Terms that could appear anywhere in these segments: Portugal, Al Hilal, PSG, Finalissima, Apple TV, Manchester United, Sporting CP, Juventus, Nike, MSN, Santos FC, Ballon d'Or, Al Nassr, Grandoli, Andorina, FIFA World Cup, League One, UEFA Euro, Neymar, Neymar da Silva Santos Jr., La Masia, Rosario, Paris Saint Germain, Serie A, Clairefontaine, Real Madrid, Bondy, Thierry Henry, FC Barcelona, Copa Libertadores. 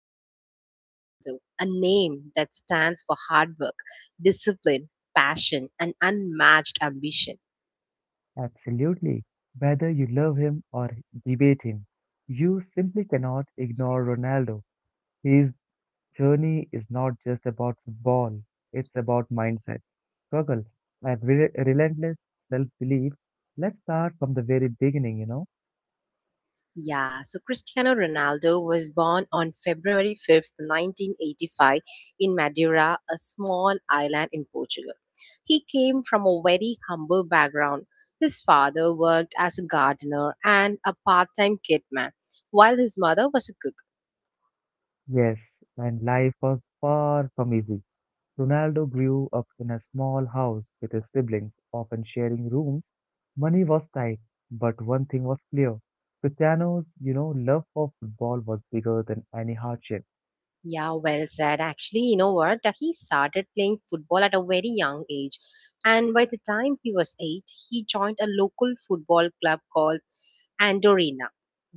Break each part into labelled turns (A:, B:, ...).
A: Cristiano Ronaldo, a name that stands for hard work, discipline, passion, and unmatched ambition.
B: Absolutely. Whether you love him or debate him, you simply cannot ignore Ronaldo. His journey is not just about football, it's about mindset, struggle, and relentless self belief. Let's start from the very beginning.
A: Yeah, so Cristiano Ronaldo was born on February 5th, 1985, in Madeira, a small island in Portugal. He came from a very humble background. His father worked as a gardener and a part time kitman, while his mother was a cook.
B: Yes, and life was far from easy. Ronaldo grew up in a small house with his siblings, often sharing rooms. Money was tight, but one thing was clear. Cristiano's love for football was bigger than any hardship.
A: Yeah, well said. Actually, you know what? He started playing football at a very young age. And by the time he was eight, he joined a local football club called Andorina,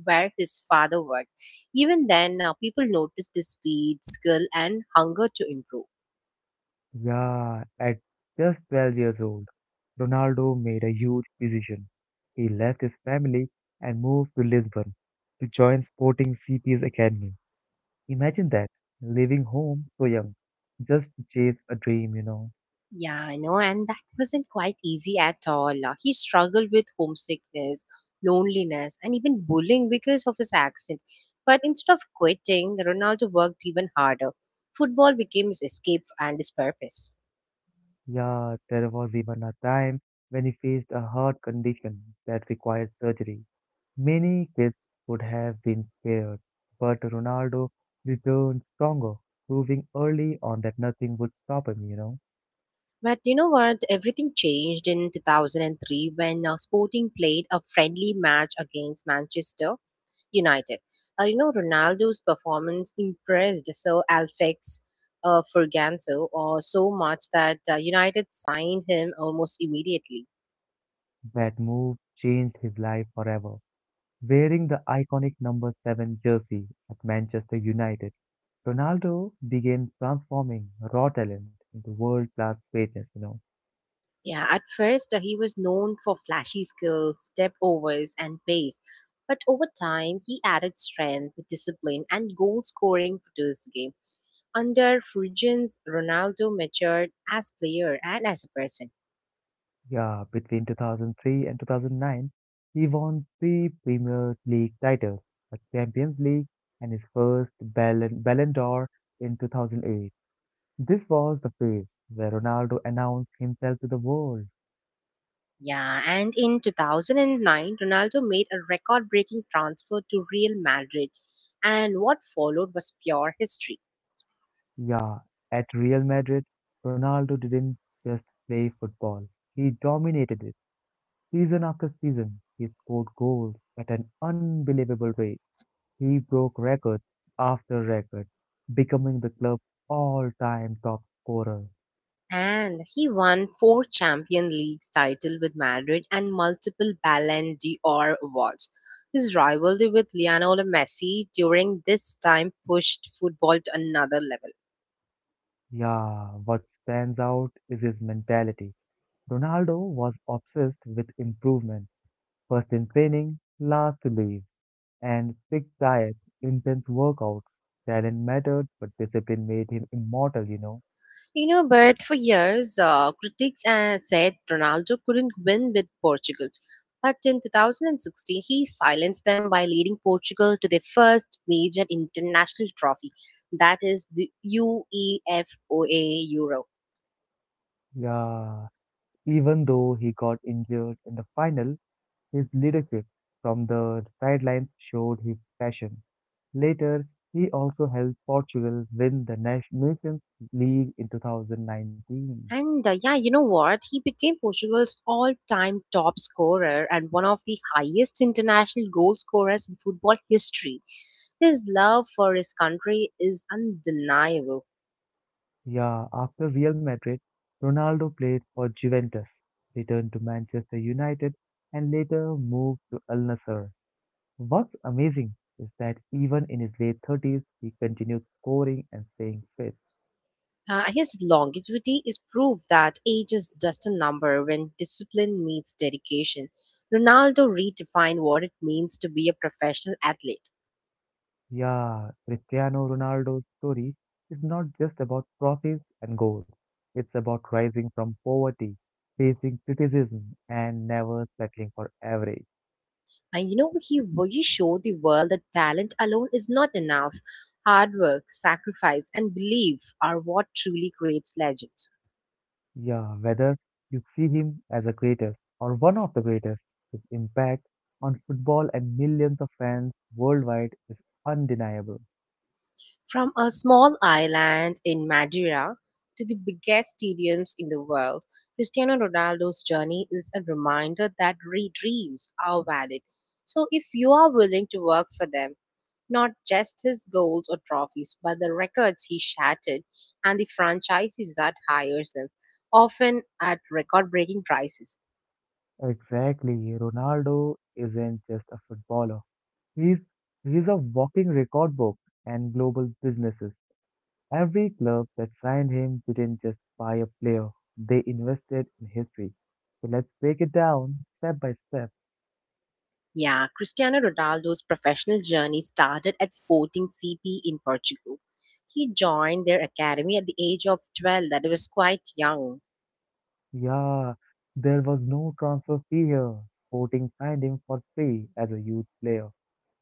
A: where his father worked. Even then, now people noticed his speed, skill, and hunger to improve.
B: Yeah, at just 12 years old, Ronaldo made a huge decision. He left his family and moved to Lisbon to join Sporting CP's academy. Imagine that, leaving home so young, just to chase a dream.
A: Yeah, I know, and that wasn't quite easy at all. He struggled with homesickness, loneliness, and even bullying because of his accent. But instead of quitting, Ronaldo worked even harder. Football became his escape and his purpose.
B: Yeah, there was even a time when he faced a heart condition that required surgery. Many kids would have been spared, but Ronaldo returned stronger, proving early on that nothing would stop him.
A: But you know what? Everything changed in 2003 when Sporting played a friendly match against Manchester. United. Ronaldo's performance impressed Sir Alfex Ferganso so much that United signed him almost immediately.
B: That move changed his life forever. Wearing the iconic number 7 jersey at Manchester United, Ronaldo began transforming raw talent into world-class greatness.
A: Yeah, at first he was known for flashy skills, step overs, and pace. But over time, he added strength, discipline, and goal scoring to his game. Under Fulgence, Ronaldo matured as player and as a person.
B: Yeah, between 2003 and 2009, he won three Premier League titles, a Champions League, and his first Ballon d'Or in 2008. This was the phase where Ronaldo announced himself to the world.
A: Yeah, and in 2009, Ronaldo made a record breaking transfer to Real Madrid, and what followed was pure history.
B: Yeah, at Real Madrid, Ronaldo didn't just play football. He dominated it. Season after season, he scored goals at an unbelievable rate. He broke record after record, becoming the club's all-time top scorer.
A: And he won four Champions League titles with Madrid and multiple Ballon d'Or awards. His rivalry with Lionel Messi during this time pushed football to another level.
B: Yeah, what stands out is his mentality. Ronaldo was obsessed with improvement, first in training, last to leave, and strict diet, intense workouts. Talent mattered, but discipline made him immortal.
A: You know, but for years, critics said Ronaldo couldn't win with Portugal. But in 2016, he silenced them by leading Portugal to their first major international trophy, that is the UEFA Euro.
B: Yeah, even though he got injured in the final, his leadership from the sidelines showed his passion. Later, he also helped Portugal win the Nations League in 2019.
A: And yeah, you know what? He became Portugal's all time top scorer and one of the highest international goal scorers in football history. His love for his country is undeniable.
B: Yeah, after Real Madrid, Ronaldo played for Juventus, returned to Manchester United, and later moved to Al Nassr. What's amazing is that even in his late 30s, he continued scoring and staying fit.
A: His longevity is proof that age is just a number when discipline meets dedication. Ronaldo redefined what it means to be a professional athlete.
B: Yeah, Cristiano Ronaldo's story is not just about trophies and goals. It's about rising from poverty, facing criticism, and never settling for average.
A: And you know, he really showed the world that talent alone is not enough. Hard work, sacrifice, and belief are what truly creates legends.
B: Yeah, whether you see him as a greatest or one of the greatest, his impact on football and millions of fans worldwide is undeniable.
A: From a small island in Madeira to the biggest stadiums in the world, Cristiano Ronaldo's journey is a reminder that dreams are valid. So, if you are willing to work for them, not just his goals or trophies, but the records he shattered and the franchises that hires him, often at record breaking prices.
B: Exactly, Ronaldo isn't just a footballer. He's he's a walking record book and global businesses. Every club that signed him didn't just buy a player, they invested in history. So let's break it down step by step.
A: Yeah, Cristiano Ronaldo's professional journey started at Sporting CP in Portugal. He joined their academy at the age of 12, that was quite young.
B: Yeah, there was no transfer fee here. Sporting signed him for free as a youth player.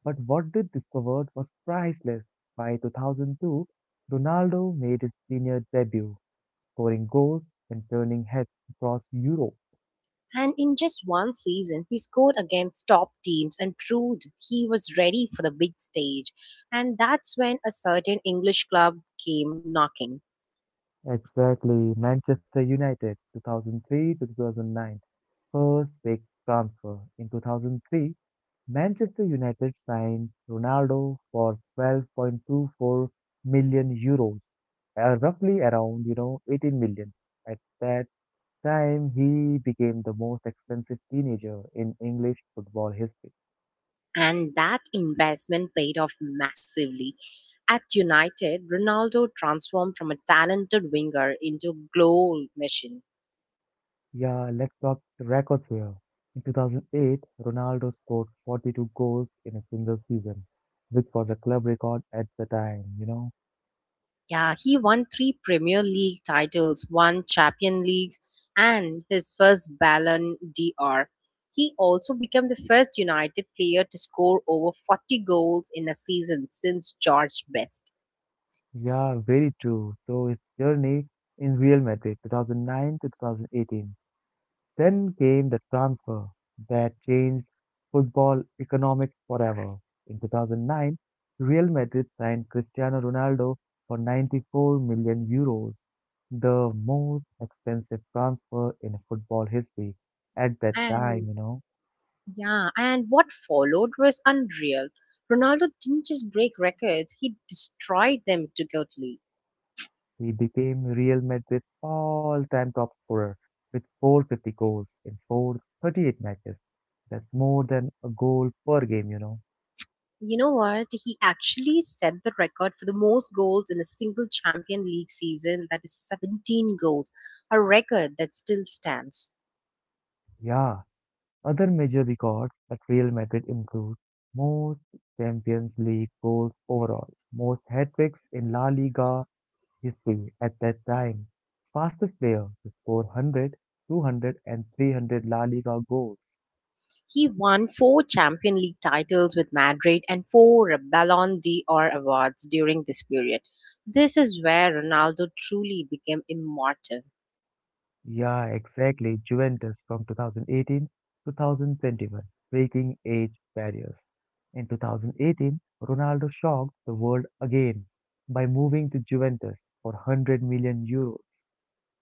B: But what they discovered was priceless. By 2002, Ronaldo made his senior debut, scoring goals and turning heads across Europe.
A: And in just one season, he scored against top teams and proved he was ready for the big stage. And that's when a certain English club came knocking.
B: Exactly. Manchester United, 2003 to 2009. First big transfer. In 2003, Manchester United signed Ronaldo for 12.24 million euros, roughly around 18 million. At that time, he became the most expensive teenager in English football history.
A: And that investment paid off massively. At United, Ronaldo transformed from a talented winger into a goal machine.
B: Yeah, let's talk the records here. In 2008, Ronaldo scored 42 goals in a single season, which was a club record at the time.
A: Yeah, he won three Premier League titles, one Champion Leagues, and his first Ballon d'Or. He also became the first United player to score over 40 goals in a season since George Best.
B: Yeah, very true. So his journey in Real Madrid 2009 to 2018. Then came the transfer that changed football economics forever. In 2009, Real Madrid signed Cristiano Ronaldo for 94 million euros, the most expensive transfer in football history. At that
A: And
B: time,
A: yeah, and what followed was unreal. Ronaldo didn't just break records, he destroyed them to totally.
B: he became Real Madrid's all-time top scorer with 450 goals in 438 matches. That's more than a goal per game.
A: You know what? He actually set the record for the most goals in a single Champion League season, that is 17 goals, a record that still stands.
B: Yeah, other major records at Real Madrid include most Champions League goals overall, most hat-tricks in La Liga history at that time, fastest player to score 100, 200 and 300 La Liga goals.
A: He won four Champion League titles with Madrid and four Ballon d'Or awards during this period. This is where Ronaldo truly became immortal.
B: Yeah, exactly. Juventus from 2018 to 2021, breaking age barriers. In 2018, Ronaldo shocked the world again by moving to Juventus for 100 million euros.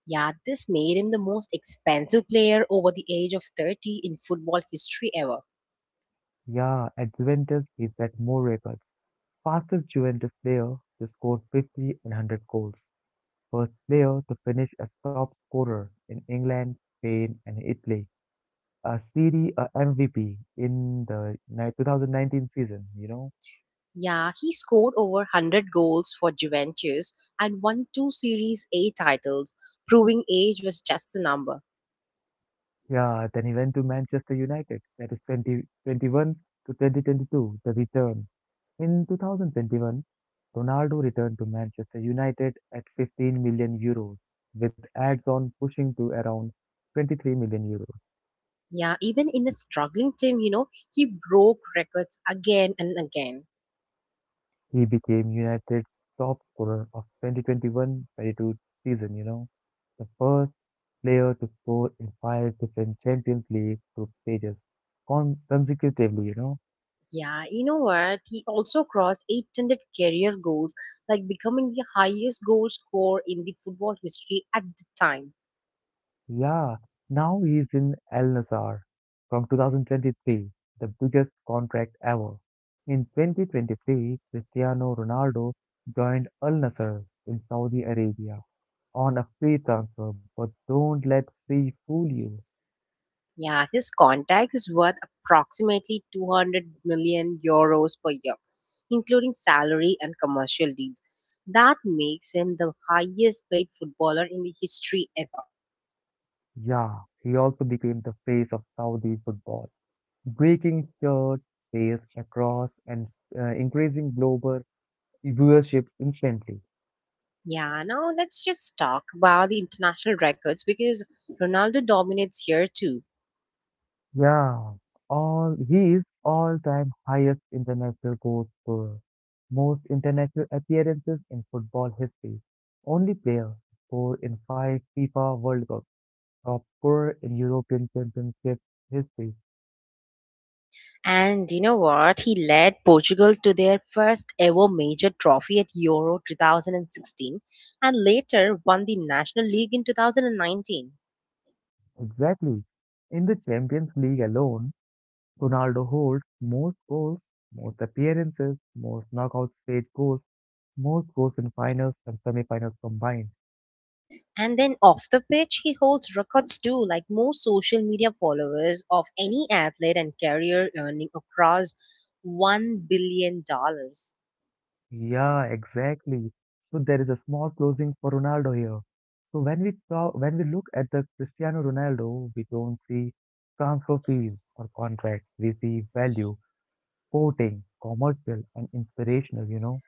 A: Yeah, this made him the most expensive player over the age of 30 in football history ever.
B: Yeah, at Juventus, he set more records. Fastest Juventus player to score 50 and 100 goals. First player to finish as top scorer in England, Spain, and Italy. A Serie A MVP in the 2019 season, you know?
A: Yeah, he scored over 100 goals for Juventus and won two Series A titles, proving age was just a number.
B: Yeah, then he went to Manchester United. That is 2021 to 2022, the return. In 2021, Ronaldo returned to Manchester United at 15 million euros, with ads on pushing to around 23 million euros.
A: Yeah, even in a struggling team, you know, he broke records again and again.
B: He became United's top scorer of 2021-22 season, the first player to score in five different Champions League group stages consecutively.
A: Yeah, you know what? He also crossed 800 career goals, like becoming the highest goal scorer in the football history at the time.
B: Yeah, now he's in Al Nassr from 2023, the biggest contract ever. In 2023, Cristiano Ronaldo joined Al Nassr in Saudi Arabia on a free transfer, but don't let free fool you.
A: Yeah, his contract is worth approximately 200 million € per year, including salary and commercial deals. That makes him the highest paid footballer in the history ever.
B: Yeah, he also became the face of Saudi football, breaking shirt sales across and increasing global viewership instantly.
A: Yeah, now let's just talk about the international records because Ronaldo dominates here too.
B: Yeah, all he is all-time highest international goal scorer, most international appearances in football history, only player to score in five FIFA World Cups, top scorer in European Championship history.
A: And you know what? He led Portugal to their first ever major trophy at Euro 2016 and later won the National League in 2019.
B: Exactly. In the Champions League alone, Ronaldo holds most goals, most appearances, most knockout stage goals, most goals in finals and semi-finals combined.
A: And then off the pitch, he holds records too, like most social media followers of any athlete and career earning across $1 billion. Dollars.
B: Yeah, exactly. So there is a small closing for Ronaldo here. So when we look at the Cristiano Ronaldo, we don't see transfer fees or contracts. We see value, quoting, commercial, and inspirational, you know?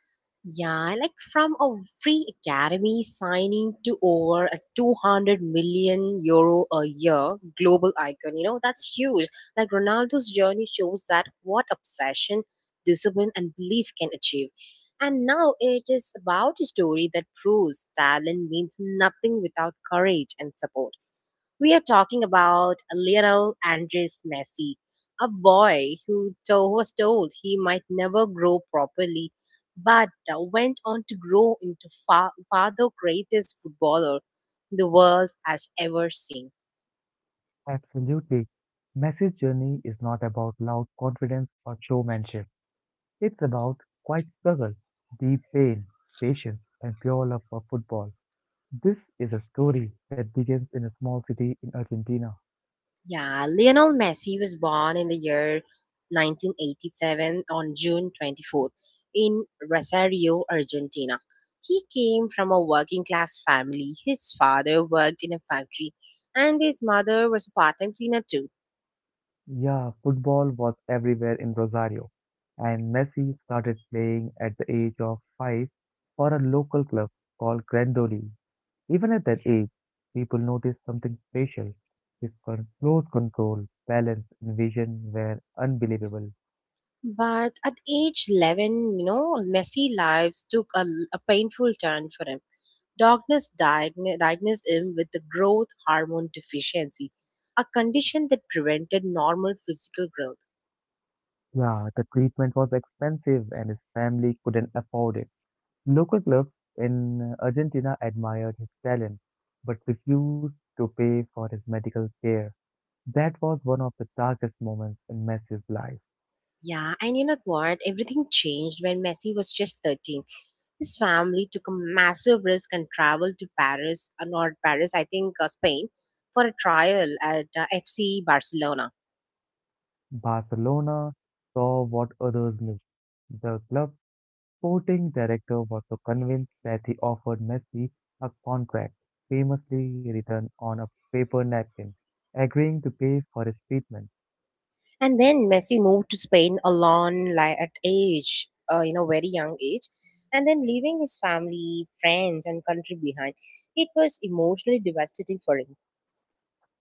A: Yeah, like from a free academy signing to over a 200 million € a year global icon, you know, that's huge. Like Ronaldo's journey shows that what obsession, discipline, and belief can achieve. And now it is about a story that proves talent means nothing without courage and support. We are talking about Lionel Andres Messi, a boy who was told he might never grow properly, but went on to grow into far, far the greatest footballer the world has ever seen.
B: Absolutely. Messi's journey is not about loud confidence or showmanship. It's about quiet struggle, deep pain, patience, and pure love for football. This is a story that begins in a small city in Argentina.
A: Yeah, Lionel Messi was born in the year 1987 on June 24th in Rosario, Argentina. He came from a working class family. His father worked in a factory and his mother was a part-time cleaner too.
B: Yeah, football was everywhere in Rosario, and Messi started playing at the age of five for a local club called Grandoli. Even at that age, people noticed something special. His close control, balance, and vision were unbelievable.
A: But at age 11, you know, Messi lives took a painful turn for him. Doctors diagnosed him with the growth hormone deficiency, a condition that prevented normal physical growth.
B: Yeah, the treatment was expensive and his family couldn't afford it. Local clubs in Argentina admired his talent but refused to pay for his medical care. That was one of the darkest moments in Messi's life.
A: Yeah, and you know what? Everything changed when Messi was just 13. His family took a massive risk and traveled to Paris, or not Paris, I think Spain, for a trial at FC Barcelona.
B: Barcelona saw what others missed. The club's sporting director was so convinced that he offered Messi a contract, famously written on a paper napkin, agreeing to pay for his treatment.
A: And then Messi moved to Spain alone like, at age, very young age. And then leaving his family, friends, and country behind. It was emotionally devastating for him.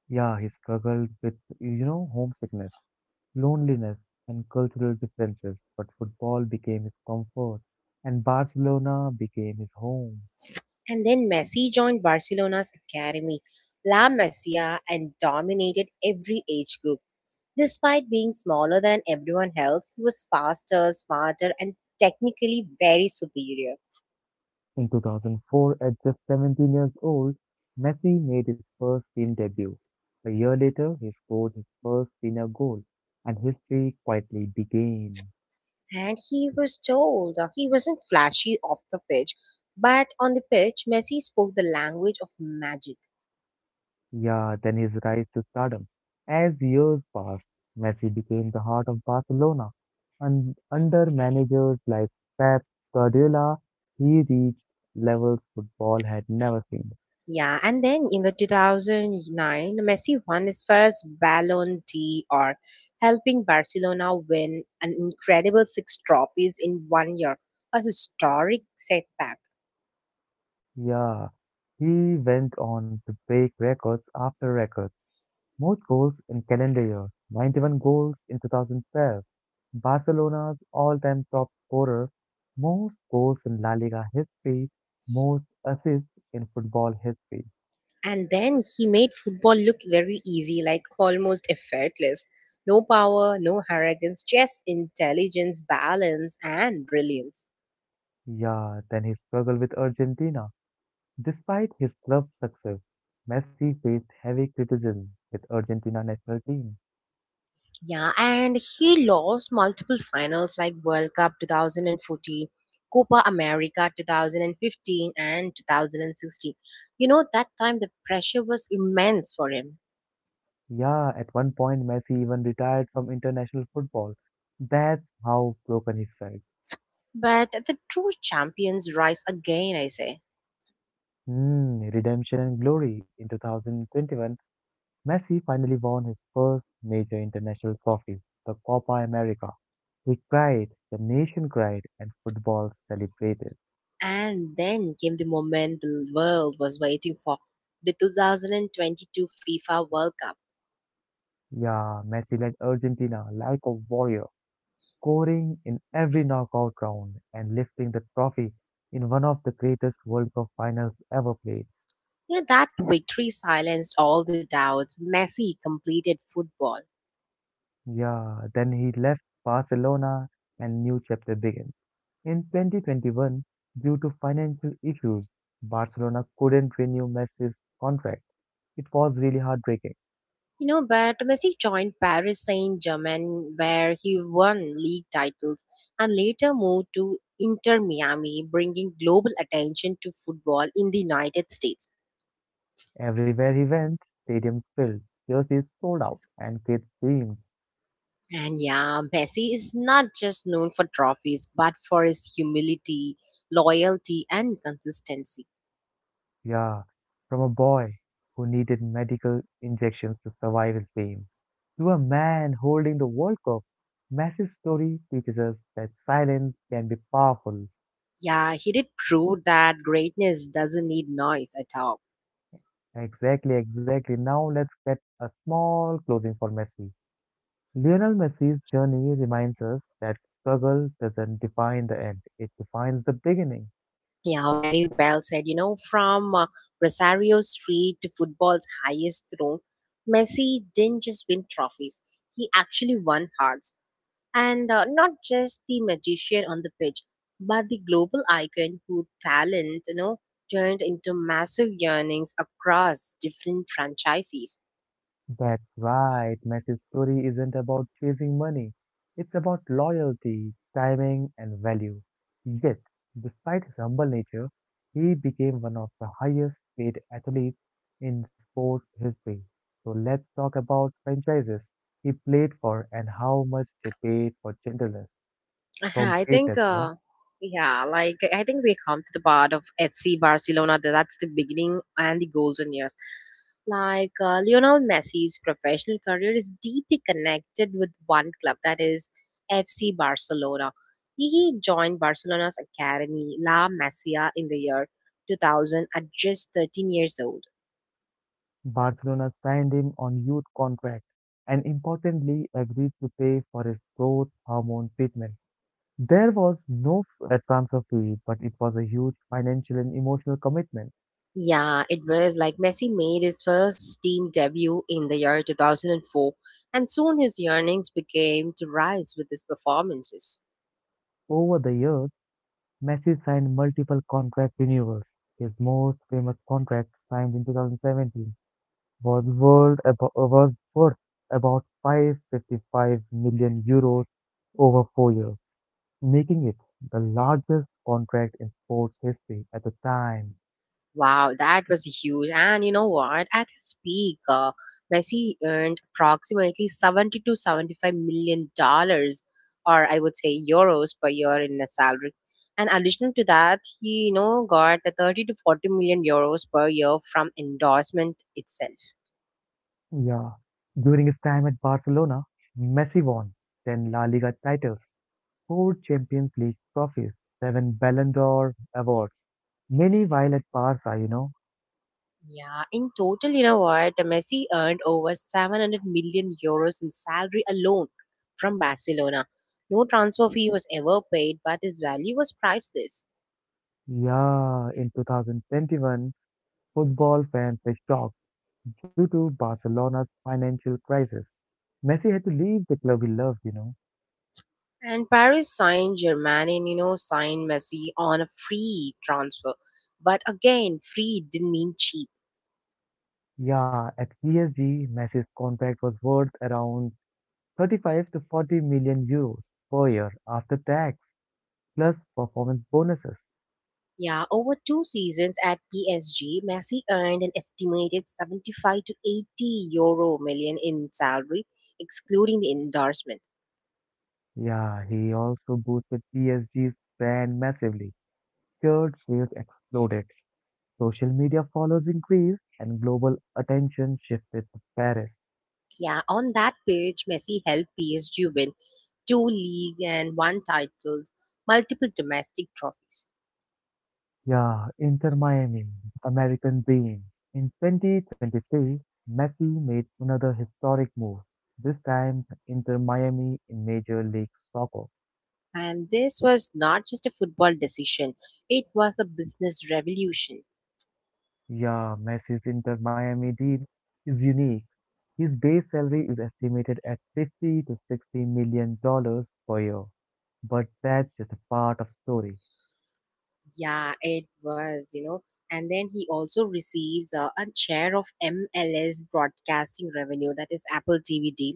B: Yeah, he struggled with homesickness, loneliness, and cultural differences, but football became his comfort, and Barcelona became his home.
A: And then Messi joined Barcelona's academy, La Masia, and dominated every age group. Despite being smaller than everyone else, he was faster, smarter, and technically very superior.
B: In 2004, at just 17 years old, Messi made his first team debut. A year later, he scored his first senior goal, and history quietly began.
A: And he was told that he wasn't flashy off the pitch, but on the pitch, Messi spoke the language of magic.
B: Yeah, then his rise to stardom. As years passed, Messi became the heart of Barcelona, and under managers like Pep Guardiola, he reached levels football had never seen.
A: Yeah, and then in the 2009, Messi won his first Ballon d'Or, helping Barcelona win an incredible six trophies in 1 year, a historic setback.
B: Yeah, he went on to break records after records. Most goals in calendar year, 91 goals in 2012. Barcelona's all-time top scorer, most goals in La Liga history, most assists in football history.
A: And then he made football look very easy, like almost effortless. No power, no arrogance, just intelligence, balance, and brilliance.
B: Yeah, then he struggled with Argentina. Despite his club success, Messi faced heavy criticism with Argentina national team.
A: Yeah, and he lost multiple finals like World Cup 2014, Copa America 2015, and 2016. You know, that time the pressure was immense for him.
B: Yeah, at one point Messi even retired from international football. That's how broken he felt.
A: But the true champions rise again, I say.
B: Hmm, redemption and glory in 2021. Messi finally won his first major international trophy, the Copa America. He cried, the nation cried, and football celebrated.
A: And then came the moment the world was waiting for the 2022 FIFA World Cup.
B: Yeah, Messi led Argentina like a warrior, scoring in every knockout round and lifting the trophy in one of the greatest World Cup finals ever played.
A: You know, that victory silenced all the doubts. Messi completed football.
B: Yeah, then he left Barcelona and new chapter begins. In 2021, due to financial issues, Barcelona couldn't renew Messi's contract. It was really heartbreaking.
A: You know, but Messi joined Paris Saint Germain, where he won league titles and later moved to Inter Miami, bringing global attention to football in the United States.
B: Everywhere he went, stadiums filled, jerseys sold out, and kids screamed,
A: And yeah, Messi is not just known for trophies, but for his humility, loyalty, and consistency.
B: yeah, from a boy who needed medical injections to survive his pain. To a man holding the World Cup, Messi's story teaches us that silence can be powerful.
A: Yeah, he did prove that greatness doesn't need noise at all.
B: Exactly, exactly. Now let's get a small closing for Messi. Lionel Messi's journey reminds us that struggle doesn't define the end, it defines the beginning.
A: Yeah, very well said. You know, from Rosario Street to football's highest throne, Messi didn't just win trophies, he actually won hearts. And not just the magician on the pitch but the global icon whose talent, you know, turned into massive earnings across different franchises.
B: That's right. Messi's story isn't about chasing money. It's about loyalty, timing, and value. Yet, despite his humble nature, he became one of the highest paid athletes in sports history. So let's talk about franchises he played for and how much they paid for gentleness
A: Uh-huh,
B: from
A: I think,
B: greatness.
A: yeah, like I think we come to the part of FC Barcelona. That's the beginning and the golden years. Like Lionel Messi's professional career is deeply connected with one club, that is FC Barcelona. He joined Barcelona's academy La Masia in the year 2000 at just 13 years old.
B: Barcelona signed him on youth contract and importantly agreed to pay for his growth hormone treatment. There was no transfer fee, but it was a huge financial and emotional commitment.
A: Yeah, it was like Messi made his first team debut in the year 2004, and soon his earnings began to rise with his performances.
B: Over the years, Messi signed multiple contract renewals. His most famous contract, signed in 2017, was was worth about 555 million euros over four years, making it the largest contract in sports history at the time.
A: Wow, that was huge. And you know what? At his peak, Messi earned approximately 70 to 75 million dollars, or I would say euros per year in a salary. And additional to that, he, you know, got a 30 to 40 million € per year from endorsement itself.
B: Yeah, during his time at Barcelona, Messi won 10 La Liga titles, four Champions League trophies, seven Ballon d'Or awards. Many while at Barca.
A: Yeah, in total, you know what? Messi earned over 700 million € in salary alone from Barcelona. No transfer fee was ever paid, but his value was priceless.
B: Yeah, in 2021, football fans were shocked due to Barcelona's financial crisis. Messi had to leave the club he loved.
A: And Paris signed Germain, you know, signed Messi on a free transfer. But again, free didn't mean cheap.
B: Yeah, at PSG, Messi's contract was worth around 35 to 40 million euros per year after tax, plus performance bonuses.
A: Yeah, over two seasons at PSG, Messi earned an estimated 75 to 80 euro million in salary, excluding the endorsement.
B: Yeah, he also boosted PSG's brand massively. Shared shares exploded, social media follows increased, and global attention shifted to Paris.
A: Yeah, on that page, Messi helped PSG win two league and one titles, multiple domestic trophies.
B: Yeah, Inter Miami, American dream. In 2023, Messi made another historic move, this time to Inter Miami in Major League Soccer.
A: And this was not just a football decision, it was a business revolution.
B: Yeah, Messi's Inter Miami deal is unique. His base salary is estimated at 50 to 60 million dollars per year. But that's just a part of story.
A: Yeah, it was, you know. And then he also receives a share of MLS broadcasting revenue, that is Apple TV deal,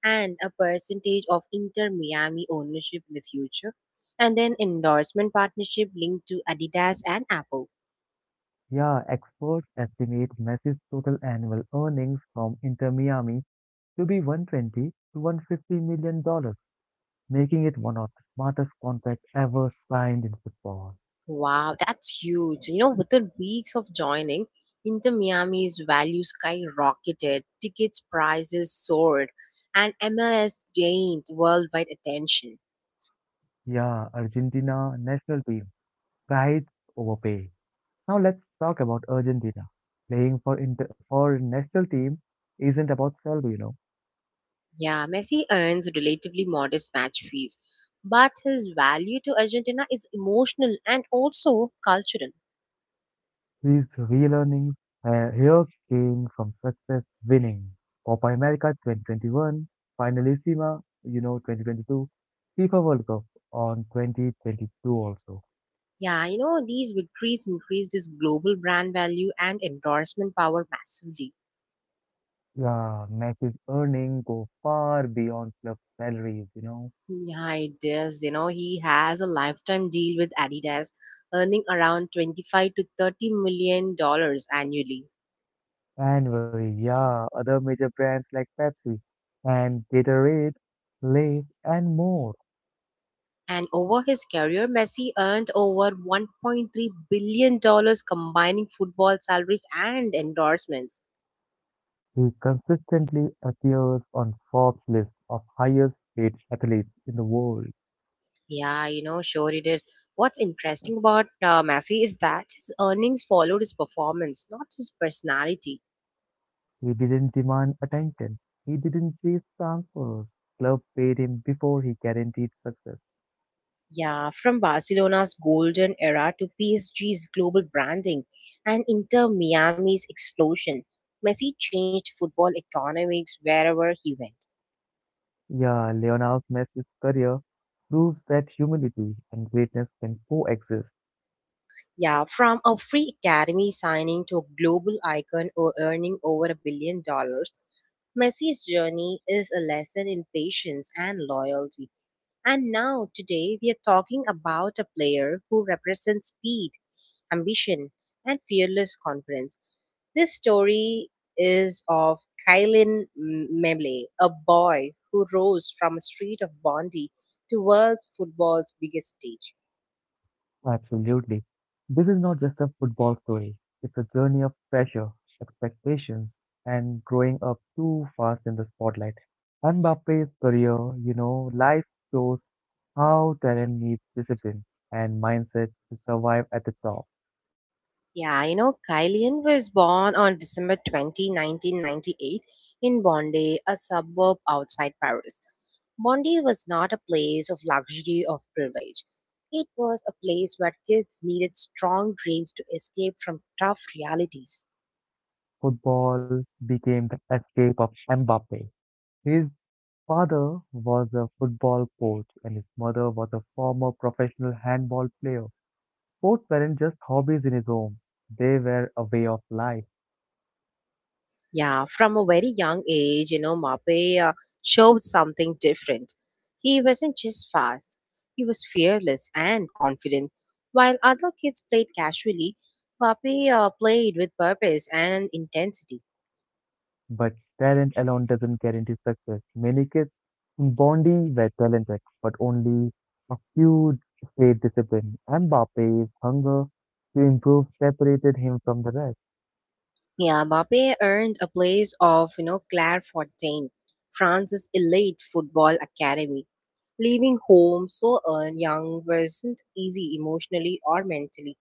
A: and a percentage of Inter Miami ownership in the future. And then endorsement partnership linked to Adidas and Apple.
B: Yeah, experts estimate Messi's total annual earnings from Inter Miami to be 120 to 150 million dollars, making it one of the smartest contracts ever signed in football.
A: Wow, that's huge. Within weeks of joining, Inter Miami's value skyrocketed, tickets prices soared, and MLS gained worldwide attention.
B: Yeah, Argentina national team prides overpay. Now let's talk about Argentina. Playing for inter for national team isn't about salary.
A: Yeah, Messi earns relatively modest match fees, but his value to Argentina is emotional and also cultural.
B: These relearnings here came from success winning. Copa America 2021, Finalissima, 2022, FIFA World Cup on 2022 also.
A: Yeah, these victories increased his global brand value and endorsement power massively.
B: Yeah, Messi's earning go far beyond club salaries.
A: Yeah, it is. He has a lifetime deal with Adidas, earning around 25 to 30 million dollars annually.
B: Annually, yeah, other major brands like Pepsi and Gatorade, Lay's and more.
A: And over his career, Messi earned over 1.3 billion dollars combining football salaries and endorsements.
B: He consistently appears on Forbes list of highest paid athletes in the world.
A: Yeah, sure he did. What's interesting about Messi is that his earnings followed his performance, not his personality.
B: He didn't demand attention. He didn't chase transfers. Club paid him before he guaranteed success.
A: Yeah, from Barcelona's golden era to PSG's global branding and Inter Miami's explosion, Messi changed football economics wherever he went.
B: Yeah, Leonel Messi's career proves that humility and greatness can coexist.
A: Yeah, from a free academy signing to a global icon or earning over a billion dollars, Messi's journey is a lesson in patience and loyalty. And now, today, we are talking about a player who represents speed, ambition, and fearless confidence. This story is of Kylian Mbappe, a boy who rose from a street of Bondi to world football's biggest stage.
B: Absolutely. This is not just a football story. It's a journey of pressure, expectations, and growing up too fast in the spotlight. Mbappe's career, life shows how talent needs discipline and mindset to survive at the top.
A: Yeah, Kylian was born on December 20, 1998, in Bondy, a suburb outside Paris. Bondy was not a place of luxury or privilege. It was a place where kids needed strong dreams to escape from tough realities.
B: Football became the escape of Mbappe. His father was a football coach and his mother was a former professional handball player. Sports weren't just hobbies in his home, they were a way of life.
A: Yeah, from a very young age, Mape showed something different. He wasn't just fast, he was fearless and confident. While other kids played casually, Mape played with purpose and intensity.
B: But talent alone doesn't guarantee success. Many kids in Bondi were talented, but only a few stayed disciplined. Mbappe's hunger to improve separated him from the rest.
A: Yeah, Mbappe earned a place of, Clairefontaine, France's elite football academy. Leaving home so young wasn't easy emotionally or mentally.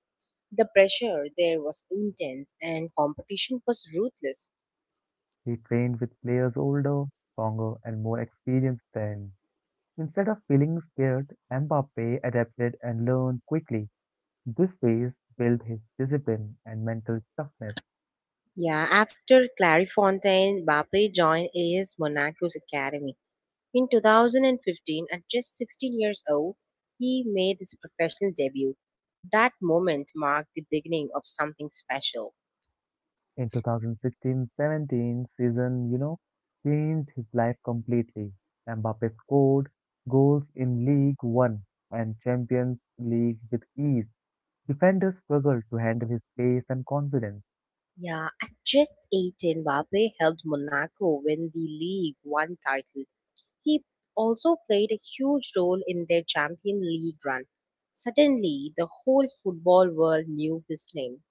A: The pressure there was intense and competition was ruthless.
B: He trained with players older, stronger, and more experienced than him. Instead of feeling scared, Mbappe adapted and learned quickly. This phase built his discipline and mental toughness.
A: Yeah, after Clairefontaine, Mbappe joined AS Monaco's academy. In 2015, at just 16 years old, he made his professional debut. That moment marked the beginning of something special.
B: In 2016-17 season, changed his life completely. Mbappe scored goals in League 1 and Champions League with ease. Defenders struggled to handle his pace and confidence.
A: Yeah, at just 18, Mbappe helped Monaco win the League One title. He also played a huge role in their Champion League run. Suddenly, the whole football world knew his name.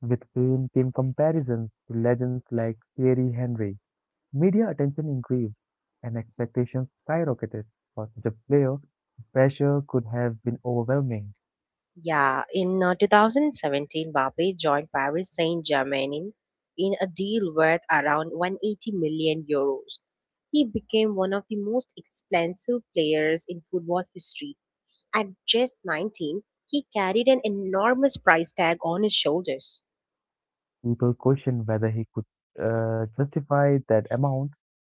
B: With fame came comparisons to legends like Thierry Henry. Media attention increased and expectations skyrocketed for such a player. The pressure could have been overwhelming.
A: Yeah, in 2017, Mbappe joined Paris Saint-Germain in a deal worth around 180 million euros. He became one of the most expensive players in football history. At just 19, he carried an enormous price tag on his shoulders.
B: People questioned whether he could justify that amount.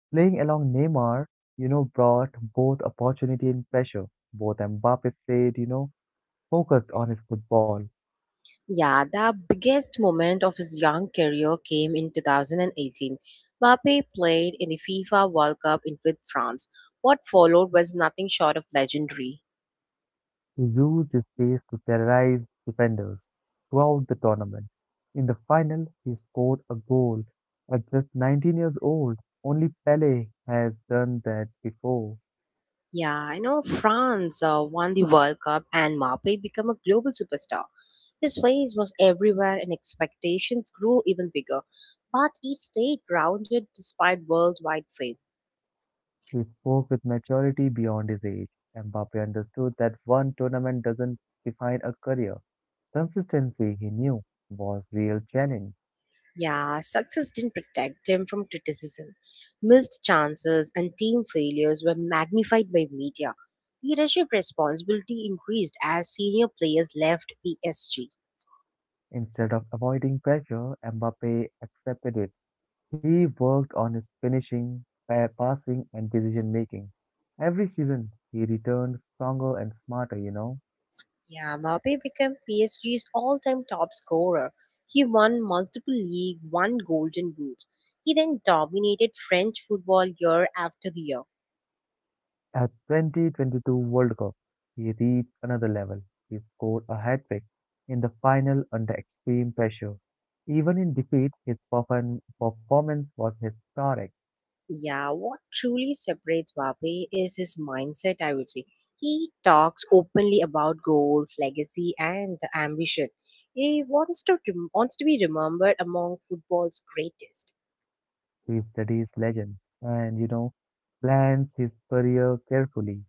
B: Playing along Neymar, brought both opportunity and pressure. Both Mbappe stayed, focused on his football.
A: Yeah, the biggest moment of his young career came in 2018. Mbappe played in the FIFA World Cup in with France. What followed was nothing short of legendary.
B: He used his pace to terrorize defenders throughout the tournament. In the final, he scored a goal at just 19 years old. Only Pele has done that before.
A: Yeah, I know France won the World Cup and Mbappe became a global superstar. His face was everywhere and expectations grew even bigger, but he stayed grounded despite worldwide fame.
B: He spoke with maturity beyond his age. Mbappe understood that one tournament doesn't define a career. Consistency, he knew, was real challenge.
A: Yeah, success didn't protect him from criticism. Missed chances and team failures were magnified by media. Leadership responsibility increased as senior players left PSG.
B: Instead of avoiding pressure, Mbappe accepted it. He worked on his finishing, passing, and decision making. Every season, he returned stronger and smarter.
A: Yeah, Mbappe became PSG's all-time top scorer. He won multiple league, one golden boot. He then dominated French football year after the year.
B: At 2022 World Cup, he reached another level. He scored a hat trick in the final under extreme pressure. Even in defeat, his performance was historic.
A: Yeah, what truly separates Vape is his mindset, I would say. He talks openly about goals, legacy, and ambition. He wants to be remembered among football's greatest.
B: He studies legends and, plans his career carefully.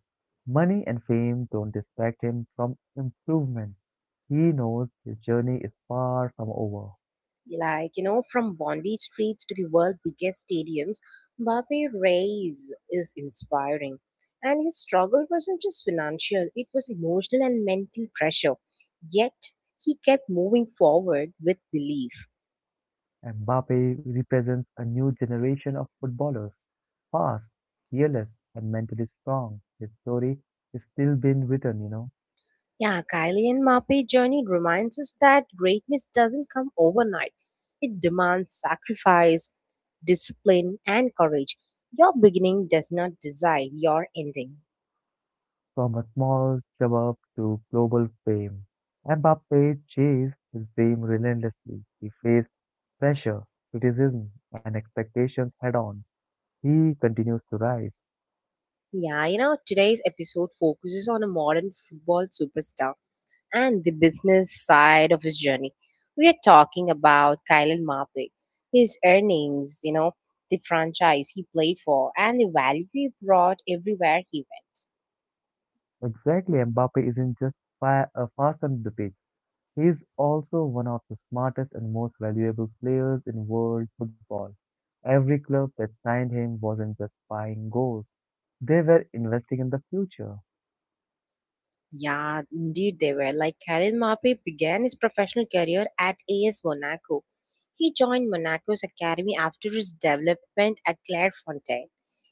B: Money and fame don't distract him from improvement. He knows his journey is far from over.
A: Like, from Bondi streets to the world's biggest stadiums, Mbappe raise is inspiring. And his struggle wasn't just financial, it was emotional and mental pressure. Yet, he kept moving forward with belief.
B: Mbappe represents a new generation of footballers, fast, fearless, and mentally strong. His story is still being written.
A: Yeah, Kylian Mbappe journey reminds us that greatness doesn't come overnight. It demands sacrifice, discipline, and courage. Your beginning does not decide your ending.
B: From a small suburb to global fame, Mbappe chased his dream relentlessly. He faced pressure, criticism, and expectations head on. He continues to rise.
A: Yeah, today's episode focuses on a modern football superstar and the business side of his journey. We are talking about Kylian Mbappe, his earnings, the franchise he played for, and the value he brought everywhere he...
B: Exactly, Mbappe isn't just fast on the pitch. He is also one of the smartest and most valuable players in world football. Every club that signed him wasn't just buying goals; they were investing in the future.
A: Yeah, indeed they were. Like Khalid Mape began his professional career at AS Monaco. He joined Monaco's academy after his development at Clairefontaine.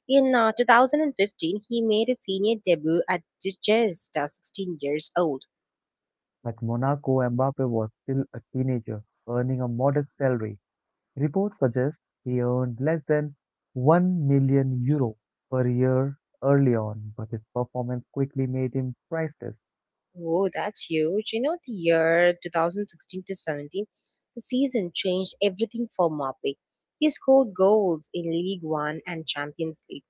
A: In 2015, he made his senior debut at just 16 years old.
B: At Monaco, Mbappe was still a teenager, earning a modest salary. Reports suggest he earned less than 1 million euro per year early on, but his performance quickly made him priceless.
A: Oh, that's huge. The year 2016 to 17, the season changed everything for Mape. He scored goals in League One and Champions League.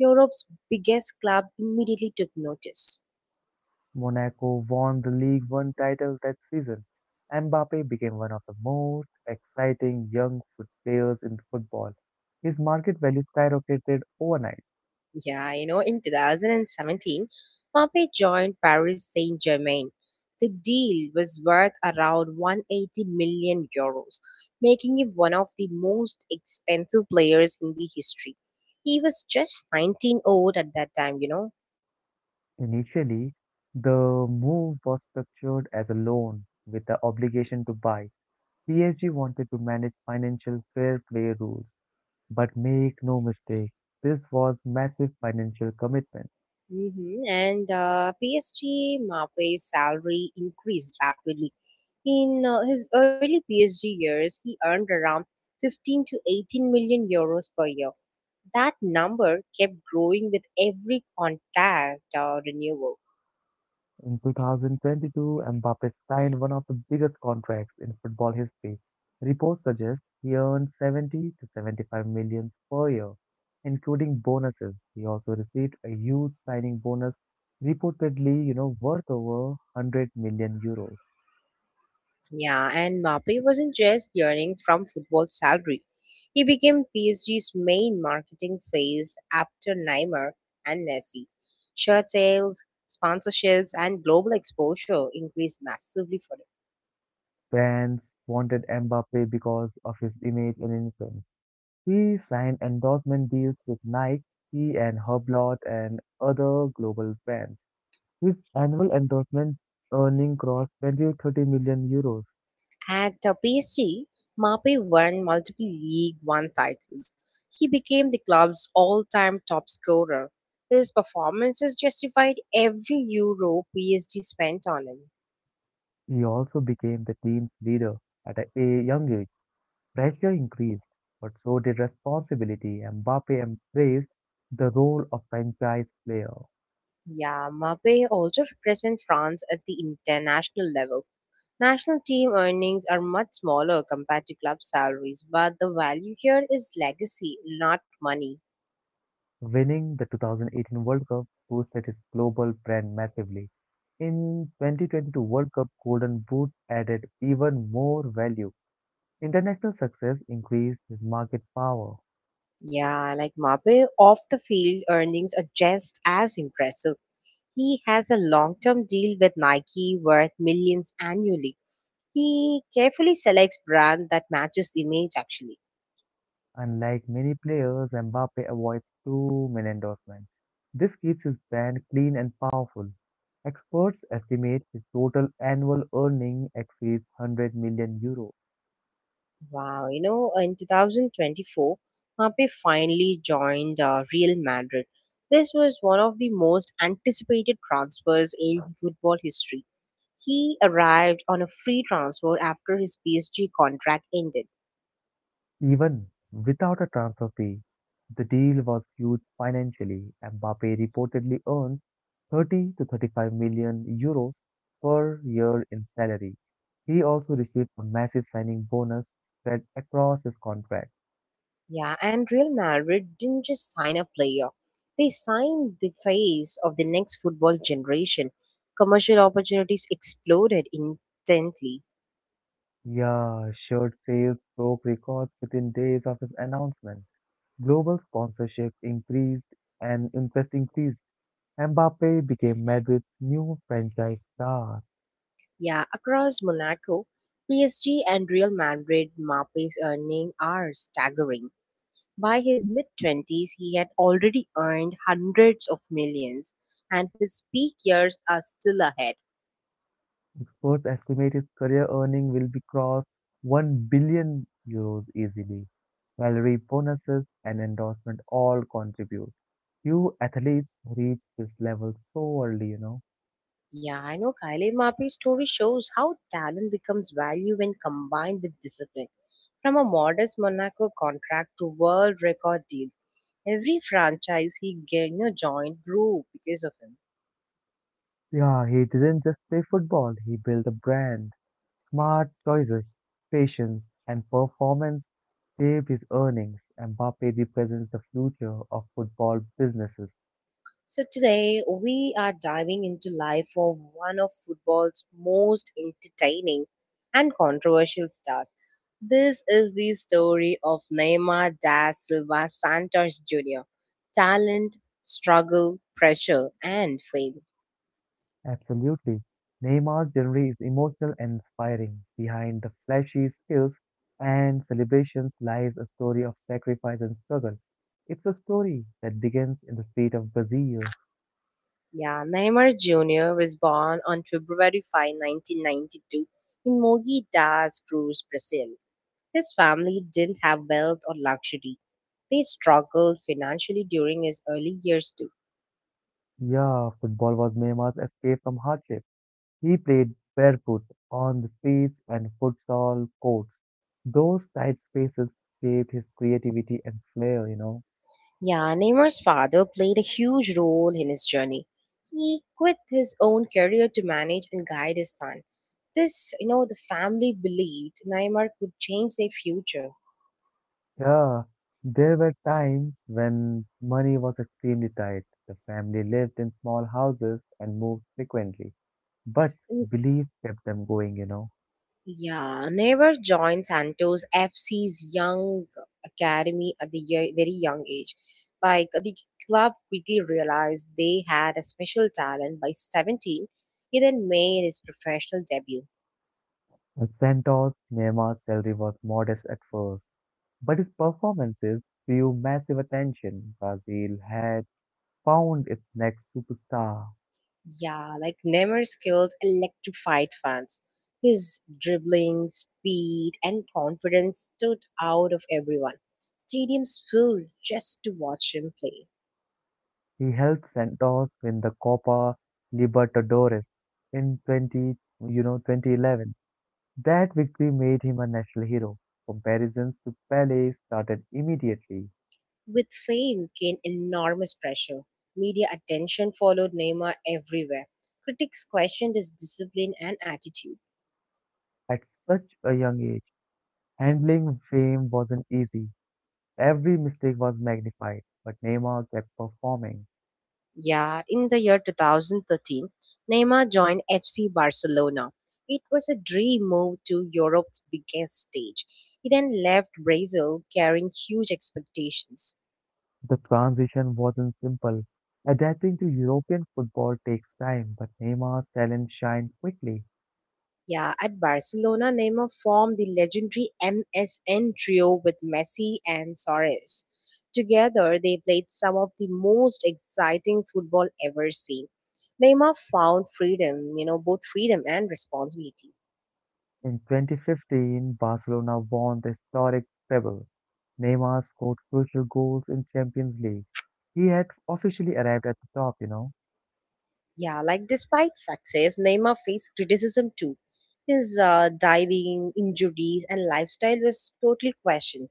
A: Europe's biggest club immediately took notice.
B: Monaco won the League One title that season. Mbappe became one of the most exciting young foot players in football. His market value skyrocketed overnight.
A: Yeah, in 2017, Mbappe joined Paris Saint-Germain. The deal was worth around 180 million euros, making him one of the most expensive players in the history. He was just 19 old at that time,
B: Initially, the move was structured as a loan with the obligation to buy. PSG wanted to manage financial fair play rules, but make no mistake, this was massive financial commitment.
A: And PSG Mbappe's salary increased rapidly. In his early PSG years, he earned around 15 to 18 million euros per year. That number kept growing with every contact or renewal.
B: In 2022, Mbappe signed one of the biggest contracts in football history. Reports suggest he earned 70 to 75 million per year, including bonuses. He also received a huge signing bonus, reportedly, worth over 100 million euros.
A: Yeah, and Mbappe wasn't just earning from football salary. He became PSG's main marketing face after Neymar and Messi. Shirt sales, sponsorships, and global exposure increased massively for him.
B: Fans wanted Mbappe because of his image and influence. He signed endorsement deals with Nike, he and Hublot and other global brands. His annual endorsement earning crossed 20 to 30 million euros.
A: At the PSG, Mape won multiple League One titles. He became the club's all-time top scorer. His performances justified every euro PSG spent on him.
B: He also became the team's leader at a young age. Pressure increased, but so did responsibility. Mbappe embraced the role of franchise player.
A: Yeah, Mape also represents France at the international level. National team earnings are much smaller compared to club salaries, but the value here is legacy, not money.
B: Winning the 2018 World Cup boosted his global brand massively. In 2022 World Cup Golden Boot added even more value. International success increased his market power.
A: Yeah, like Mape off the field earnings are just as impressive. He has a long term deal with Nike worth millions annually. He carefully selects brand that matches image actually.
B: Unlike many players, Mbappe avoids too many endorsements. This keeps his brand clean and powerful. Experts estimate his total annual earning exceeds 100 million euros.
A: Wow, in 2024, Mbappe finally joined Real Madrid. This was one of the most anticipated transfers in football history. He arrived on a free transfer after his PSG contract ended.
B: Even without a transfer fee, the deal was huge financially. Mbappe reportedly earns 30 to 35 million euros per year in salary. He also received a massive signing bonus spread across his contract.
A: Yeah, and Real Madrid didn't just sign a player. They signed the face of the next football generation. Commercial opportunities exploded instantly.
B: Yeah, shirt sales broke records within days of his announcement. Global sponsorship increased and interest increased. Mbappe became Madrid's new franchise star.
A: Yeah, across Monaco, PSG and Real Madrid Mbappé's earnings are staggering. By his mid-twenties, he had already earned hundreds of millions, and his peak years are still ahead.
B: Experts estimate his career earning will be cross 1 billion euros easily. Salary bonuses and endorsement all contribute. Few athletes reach this level so early.
A: Yeah, I know Kylian Mbappé's story shows how talent becomes value when combined with discipline. From a modest Monaco contract to world record deals, every franchise joined grew because of him.
B: Yeah, he didn't just play football, he built a brand. Smart choices, patience, and performance shaped his earnings. Mbappe represents the future of football businesses.
A: So today we are diving into life of one of football's most entertaining and controversial stars. This is the story of Neymar da Silva Santos Jr. Talent, struggle, pressure, and fame.
B: Absolutely. Neymar's journey is emotional and inspiring. Behind the flashy skills and celebrations lies a story of sacrifice and struggle. It's a story that begins in the street of Brazil.
A: Yeah, Neymar Jr. was born on February 5, 1992, in Mogi das Cruz, Brazil. His family didn't have wealth or luxury. They struggled financially during his early years too.
B: Yeah, football was Neymar's escape from hardship. He played barefoot on the streets and futsal courts. Those tight spaces shaped his creativity and flair.
A: Yeah, Neymar's father played a huge role in his journey. He quit his own career to manage and guide his son. This, the family believed Neymar could change their future.
B: Yeah, there were times when money was extremely tight. The family lived in small houses and moved frequently, but belief kept them going.
A: Yeah, Never joined Santos FC's young academy at very young age. Like the club quickly realized they had a special talent by 17. He then made his professional debut.
B: At Santos, Nehma's salary was modest at first, but his performances drew massive attention. Brazil had found its next superstar.
A: Yeah, like Neymar skilled electrified fans. His dribbling, speed, and confidence stood out of everyone. Stadiums filled just to watch him play.
B: He helped Santos win the Copa Libertadores in 20, 2011. That victory made him a national hero. Comparisons to Pele started immediately.
A: With fame came enormous pressure. Media attention followed Neymar everywhere. Critics questioned his discipline and attitude.
B: At such a young age, handling fame wasn't easy. Every mistake was magnified, but Neymar kept performing.
A: Yeah, in the year 2013, Neymar joined FC Barcelona. It was a dream move to Europe's biggest stage. He then left Brazil carrying huge expectations.
B: The transition wasn't simple. Adapting to European football takes time, but Neymar's talent shined quickly.
A: Yeah, at Barcelona, Neymar formed the legendary MSN trio with Messi and Suarez. Together, they played some of the most exciting football ever seen. Neymar found freedom, both freedom and responsibility.
B: In 2015, Barcelona won the historic treble. Neymar scored crucial goals in Champions League. He had officially arrived at the top.
A: Yeah, like despite success, Neymar faced criticism too. His diving, injuries, and lifestyle was totally questioned.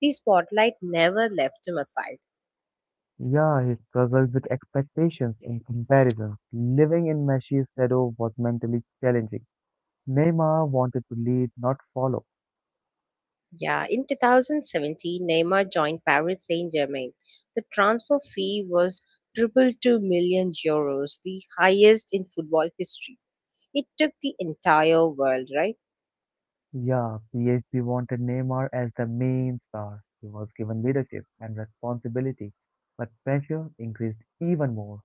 A: The spotlight never left him aside.
B: Yeah, he struggled with expectations and comparisons. Living in Messi's shadow was mentally challenging. Neymar wanted to lead, not follow.
A: Yeah, in 2017, Neymar joined Paris Saint-Germain. The transfer fee was triple two million euros, the highest in football history. It took the entire world, right?
B: Yeah, PSG wanted Neymar as the main star. He was given leadership and responsibility, but pressure increased even more.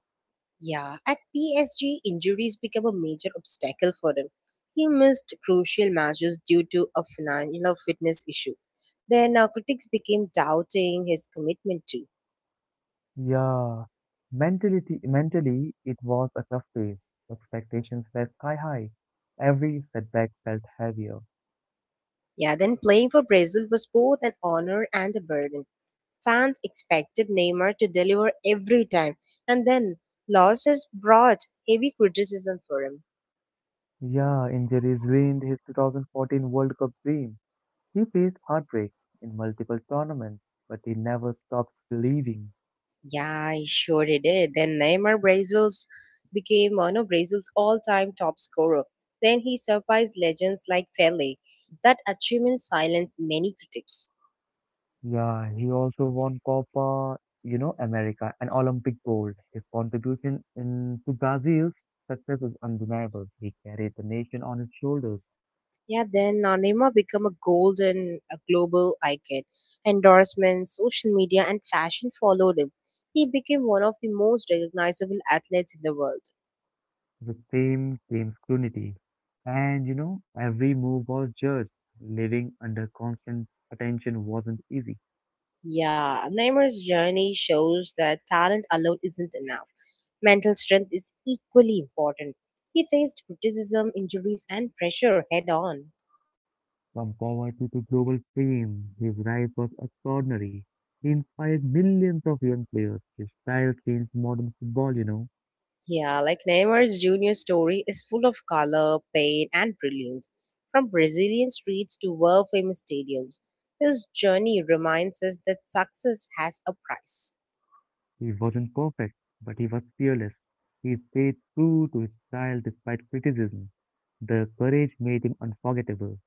A: Yeah, at PSG, injuries became a major obstacle for him. He missed crucial matches due to a financial fitness issue. Then critics became doubting his commitment too.
B: Yeah, mentality, mentally, it was a tough phase. Expectations were sky high. Every setback felt heavier.
A: Yeah, then playing for Brazil was both an honor and a burden. Fans expected Neymar to deliver every time, and then losses brought heavy criticism for him.
B: Yeah, injuries ruined his 2014 World Cup dream. He faced heartbreak in multiple tournaments, but he never stopped believing.
A: Yeah, I sure he did. Then Neymar Brazil's became one of Brazil's all-time top scorer. Then he surpassed legends like Pele. That achievement silenced many critics.
B: Yeah, he also won Copa, America and Olympic gold. His contribution in to Brazil's success is undeniable. He carried the nation on his shoulders.
A: Yeah, then Neymar became a golden a global icon. Endorsements, social media, and fashion followed him. He became one of the most recognizable athletes in the world.
B: The same team unity. And every move was judged. Living under constant attention wasn't easy.
A: Yeah, Neymar's journey shows that talent alone isn't enough. Mental strength is equally important. He faced criticism, injuries, and pressure head on.
B: From poverty to global fame, his rise was extraordinary. He inspired millions of young players. His style changed modern football.
A: Yeah, like Neymar's junior story is full of color, pain, and brilliance. From Brazilian streets to world famous stadiums, his journey reminds us that success has a price.
B: He wasn't perfect, but he was fearless. He stayed true to his style despite criticism. The courage made him unforgettable.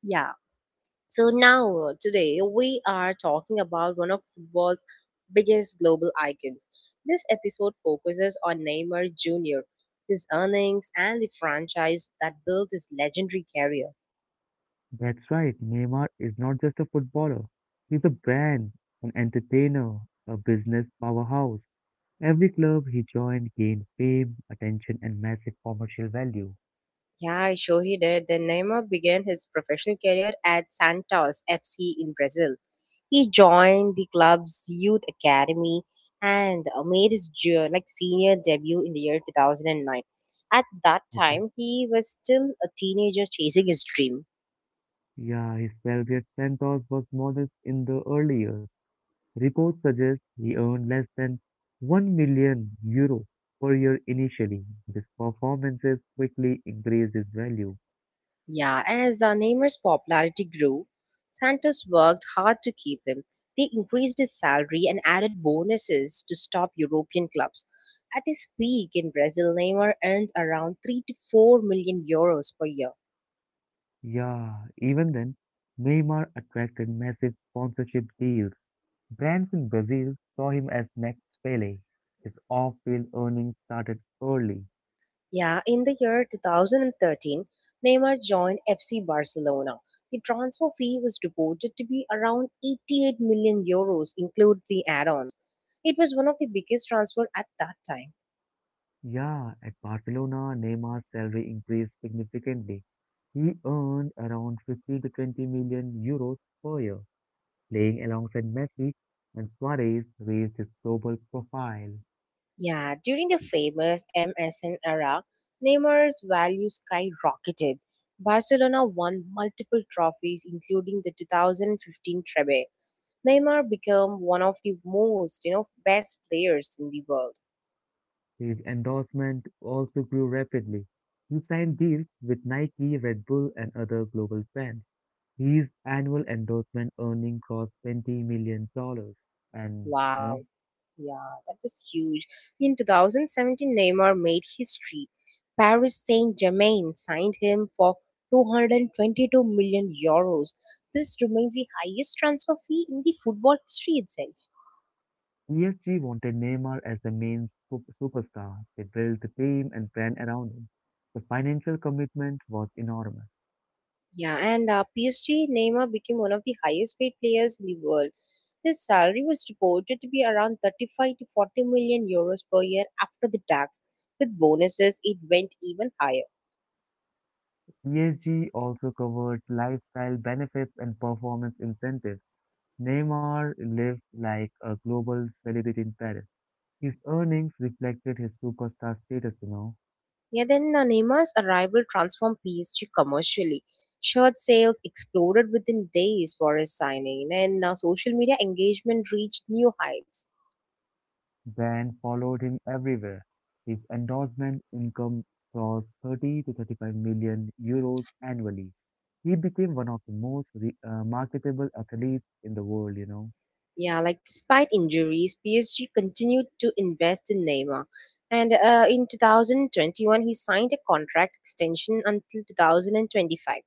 A: Yeah, so now, today, we are talking about one of football's biggest global icons. This episode focuses on Neymar Jr., his earnings, and the franchise that built his legendary career.
B: That's right, Neymar is not just a footballer. He's a brand, an entertainer, a business powerhouse. Every club he joined gained fame, attention, and massive commercial value.
A: Yeah, I sure he did. Then Neymar began his professional career at Santos FC in Brazil. He joined the club's youth academy and made his senior debut in the year 2009. At that
B: The
A: time, he was still a teenager chasing his dream.
B: Yeah, his salary at Santos was modest in the early years. Reports suggest he earned less than 1 million euro per year initially. His performances quickly increased his value.
A: Yeah, as the Neymar's popularity grew, Santos worked hard to keep him. They increased his salary and added bonuses to stop European clubs. At his peak in Brazil, Neymar earned around 3 to 4 million euros per year.
B: Yeah, even then, Neymar attracted massive sponsorship deals. Brands in Brazil saw him as next Pele. His off-field earnings started early.
A: Yeah, in the year 2013, Neymar joined FC Barcelona. The transfer fee was reported to be around 88 million euros, include the add-ons. It was one of the biggest transfer at that time.
B: Yeah, at Barcelona, Neymar's salary increased significantly. He earned around 15-20 to 20 million euros per year, playing alongside Messi and Suarez raised his global profile.
A: Yeah, during the famous MSN era, Neymar's value skyrocketed. Barcelona won multiple trophies, including the 2015 treble. Neymar became one of the best players in the world.
B: His endorsement also grew rapidly. He signed deals with Nike, Red Bull, and other global brands. His annual endorsement earning crossed 20 million dollars, and you know
A: Wow, yeah, that was huge. In 2017, Neymar made history. Paris Saint-Germain signed him for 222 million euros. This remains the highest transfer fee in the football history itself.
B: PSG wanted Neymar as the main superstar. They built the team and brand around him. The financial commitment was enormous.
A: Yeah, and PSG Neymar became one of the highest paid players in the world. His salary was reported to be around 35 to 40 million euros per year after the tax. With bonuses, it went even higher.
B: PSG also covered lifestyle benefits and performance incentives. Neymar lived like a global celebrity in Paris. His earnings reflected his superstar status.
A: Yeah, then Neymar's arrival transformed PSG commercially. Shirt sales exploded within days for his signing, and social media engagement reached new heights.
B: Brand followed him everywhere. His endorsement income crossed 30 to 35 million euros annually. He became one of the most marketable athletes in the world.
A: Yeah, like despite injuries, PSG continued to invest in Neymar. And in 2021, he signed a contract extension until 2025.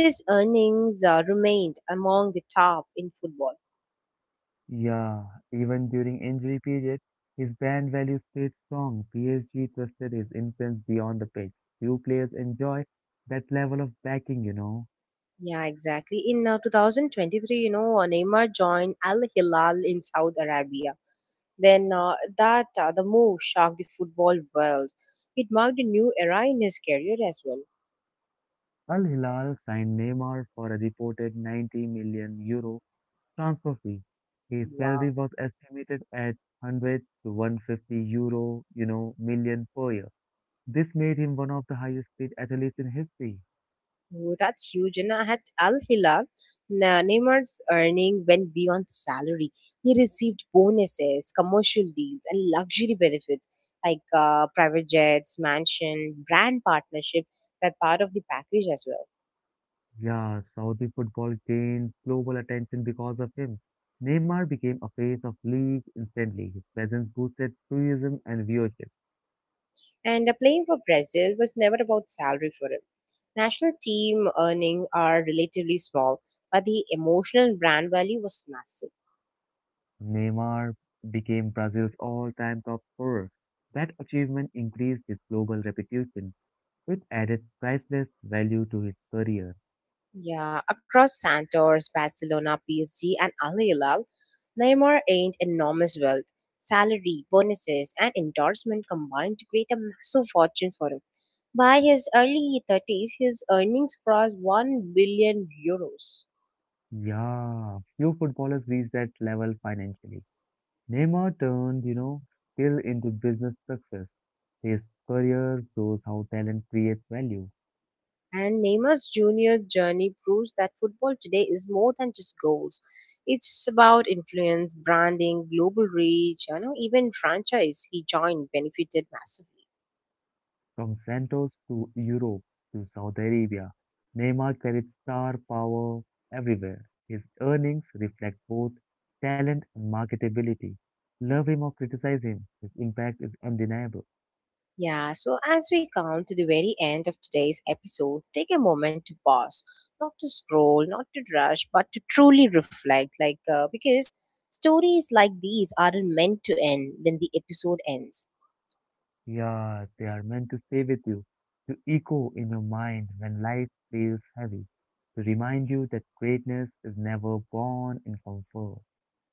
A: His earnings remained among the top in football.
B: Yeah, even during injury period, his brand value stayed strong. PSG trusted his influence beyond the pitch. Few players enjoy that level of backing.
A: Yeah, exactly. In 2023, Neymar joined Al Hilal in Saudi Arabia. Then uh, the move shocked the football world. It marked a new era in his career as well.
B: Al Hilal signed Neymar for a reported 90 million euro transfer fee. His salary
A: Wow.
B: was estimated at 100 to 150 euro, million per year. This made him one of the highest paid athletes in history.
A: Oh, that's huge. And at Al Hilal, Neymar's earning went beyond salary. He received bonuses, commercial deals, and luxury benefits like private jets, mansion, brand partnership were part of the package as well.
B: Yeah, Saudi football gained global attention because of him. Neymar became a face of league instantly. His presence boosted tourism and viewership.
A: And playing for Brazil was never about salary for him. National team earning are relatively small, but the emotional brand value was massive.
B: Neymar became Brazil's all-time top scorer. That achievement increased his global reputation. It added priceless value to his career.
A: Yeah, across Santos, Barcelona, PSG, and Al Hilal, Neymar earned enormous wealth. Salary, bonuses, and endorsement combined to create a massive fortune for him. By his early 30s, his earnings crossed 1 billion euros.
B: Yeah, few footballers reach that level financially. Neymar turned, skill into business success. His career shows how talent creates value.
A: And Neymar's junior journey proves that football today is more than just goals. It's about influence, branding, global reach, you know, even franchise he joined benefited massively.
B: From Santos to Europe to Saudi Arabia, Neymar carried star power everywhere. His earnings reflect both talent and marketability. Love him or criticize him, his impact is undeniable.
A: Yeah, so as we come to the very end of today's episode, take a moment to pause, not to scroll, not to rush, but to truly reflect. Because stories like these aren't meant to end when the episode ends.
B: Yeah, they are meant to stay with you, to echo in your mind when life feels heavy, to remind you that greatness is never born in comfort.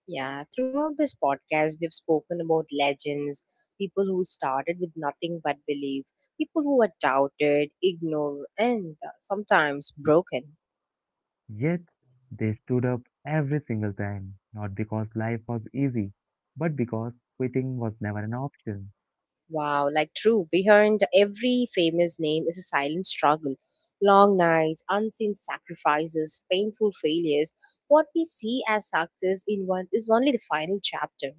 A: Yeah, throughout this podcast, we've spoken about legends, people who started with nothing but belief, people who were doubted, ignored, and sometimes broken.
B: Yet, they stood up every single time, not because life was easy, but because quitting was never an option.
A: Wow, like true. Behind every famous name is a silent struggle. Long nights, unseen sacrifices, painful failures. What we see as success in one is only the final chapter.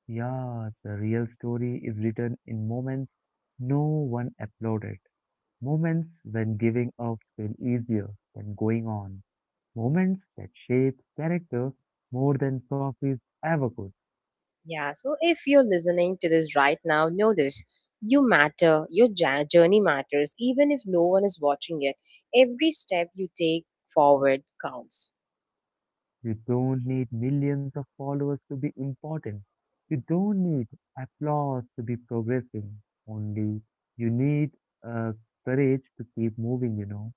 B: Yeah, the real story is written in moments no one applauded, moments when giving up felt easier than going on. Moments that shape character more than trophies ever could.
A: Yeah, so if you're listening to this right now, know this. You matter. Your journey matters, even if no one is watching it. Every step you take forward counts.
B: You don't need millions of followers to be important. You don't need applause to be progressing. Only you need uh, courage to keep moving.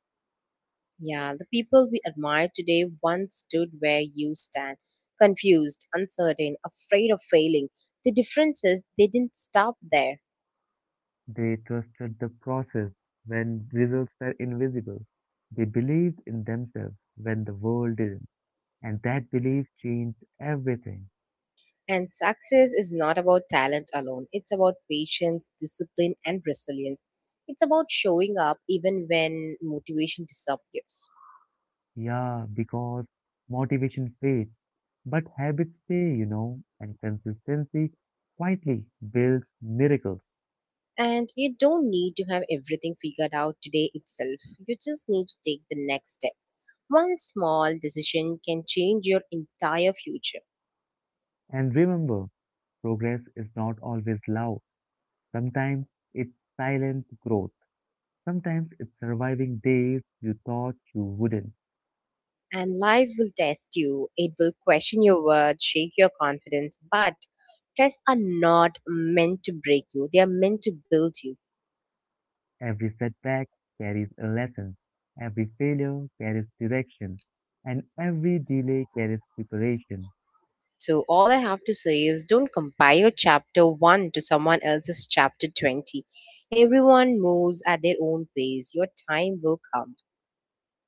A: Yeah, the people we admire today once stood where you stand, confused, uncertain, afraid of failing. The difference is they didn't stop there.
B: They trusted the process when results were invisible. They believed in themselves when the world didn't. And that belief changed everything.
A: And success is not about talent alone, it's about patience, discipline, and resilience. It's about showing up even when motivation disappears.
B: Yeah, because motivation fades, but habits stay, and consistency quietly builds miracles.
A: And you don't need to have everything figured out today itself, you just need to take the next step. One small decision can change your entire future.
B: And remember, progress is not always loud. Sometimes it's silent growth. Sometimes it's surviving days you thought you wouldn't.
A: And life will test you. It will question your worth, shake your confidence, but tests are not meant to break you, they are meant to build you.
B: Every setback carries a lesson. Every failure carries direction. And every delay carries preparation.
A: So, all I have to say is don't compare your chapter 1 to someone else's chapter 20. Everyone moves at their own pace. Your time will come.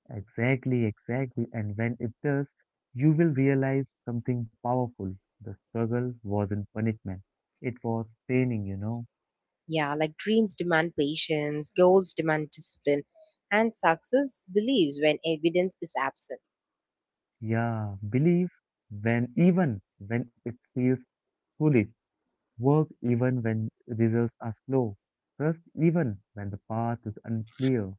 B: Exactly, exactly. And when it does, you will realize something powerful. The struggle wasn't punishment, it was training.
A: Yeah, like dreams demand patience, goals demand discipline, and success believes when evidence is absent.
B: Yeah, believe when even when it feels foolish, work even when results are slow, trust even when the path is unclear.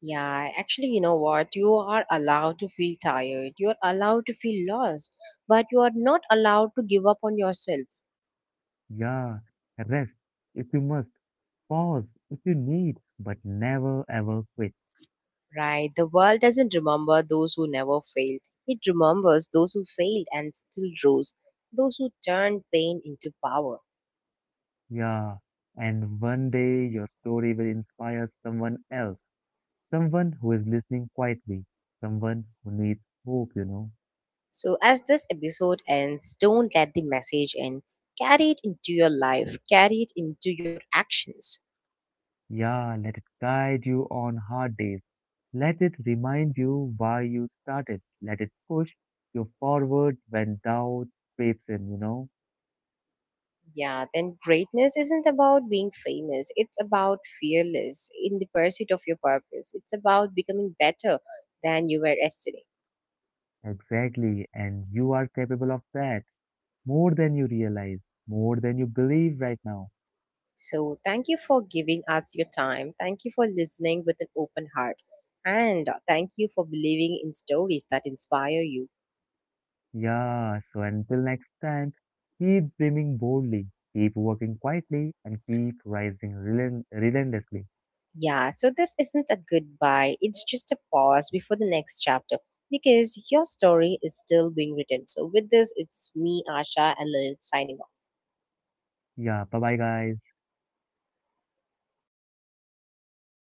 A: Yeah, actually, you know what? You are allowed to feel tired. You are allowed to feel lost, but you are not allowed to give up on yourself,
B: Yeah, rest if you must, pause if you need, but never ever quit.
A: right? The world doesn't remember those who never failed. It remembers those who failed and still rose, those who turned pain into power.
B: Yeah, and one day your story will inspire someone else, someone who is listening quietly, someone who needs hope.
A: So, as this episode ends, don't let the message end. Carry it into your life, carry it into your actions.
B: Yeah, let it guide you on hard days. Let it remind you why you started. Let it push you forward when doubt creeps in.
A: Yeah, then greatness isn't about being famous. It's about fearless in the pursuit of your purpose. It's about becoming better than you were yesterday.
B: Exactly, and you are capable of that more than you realize, more than you believe right now.
A: So, thank you for giving us your time. Thank you for listening with an open heart. And thank you for believing in stories that inspire you.
B: Yeah, so until next time, keep dreaming boldly, keep working quietly, and keep rising relentlessly.
A: Yeah, so this isn't a goodbye. It's just a pause before the next chapter because your story is still being written. So, with this, it's me, Asha, and Lilith signing off.
B: Yeah, bye bye, guys.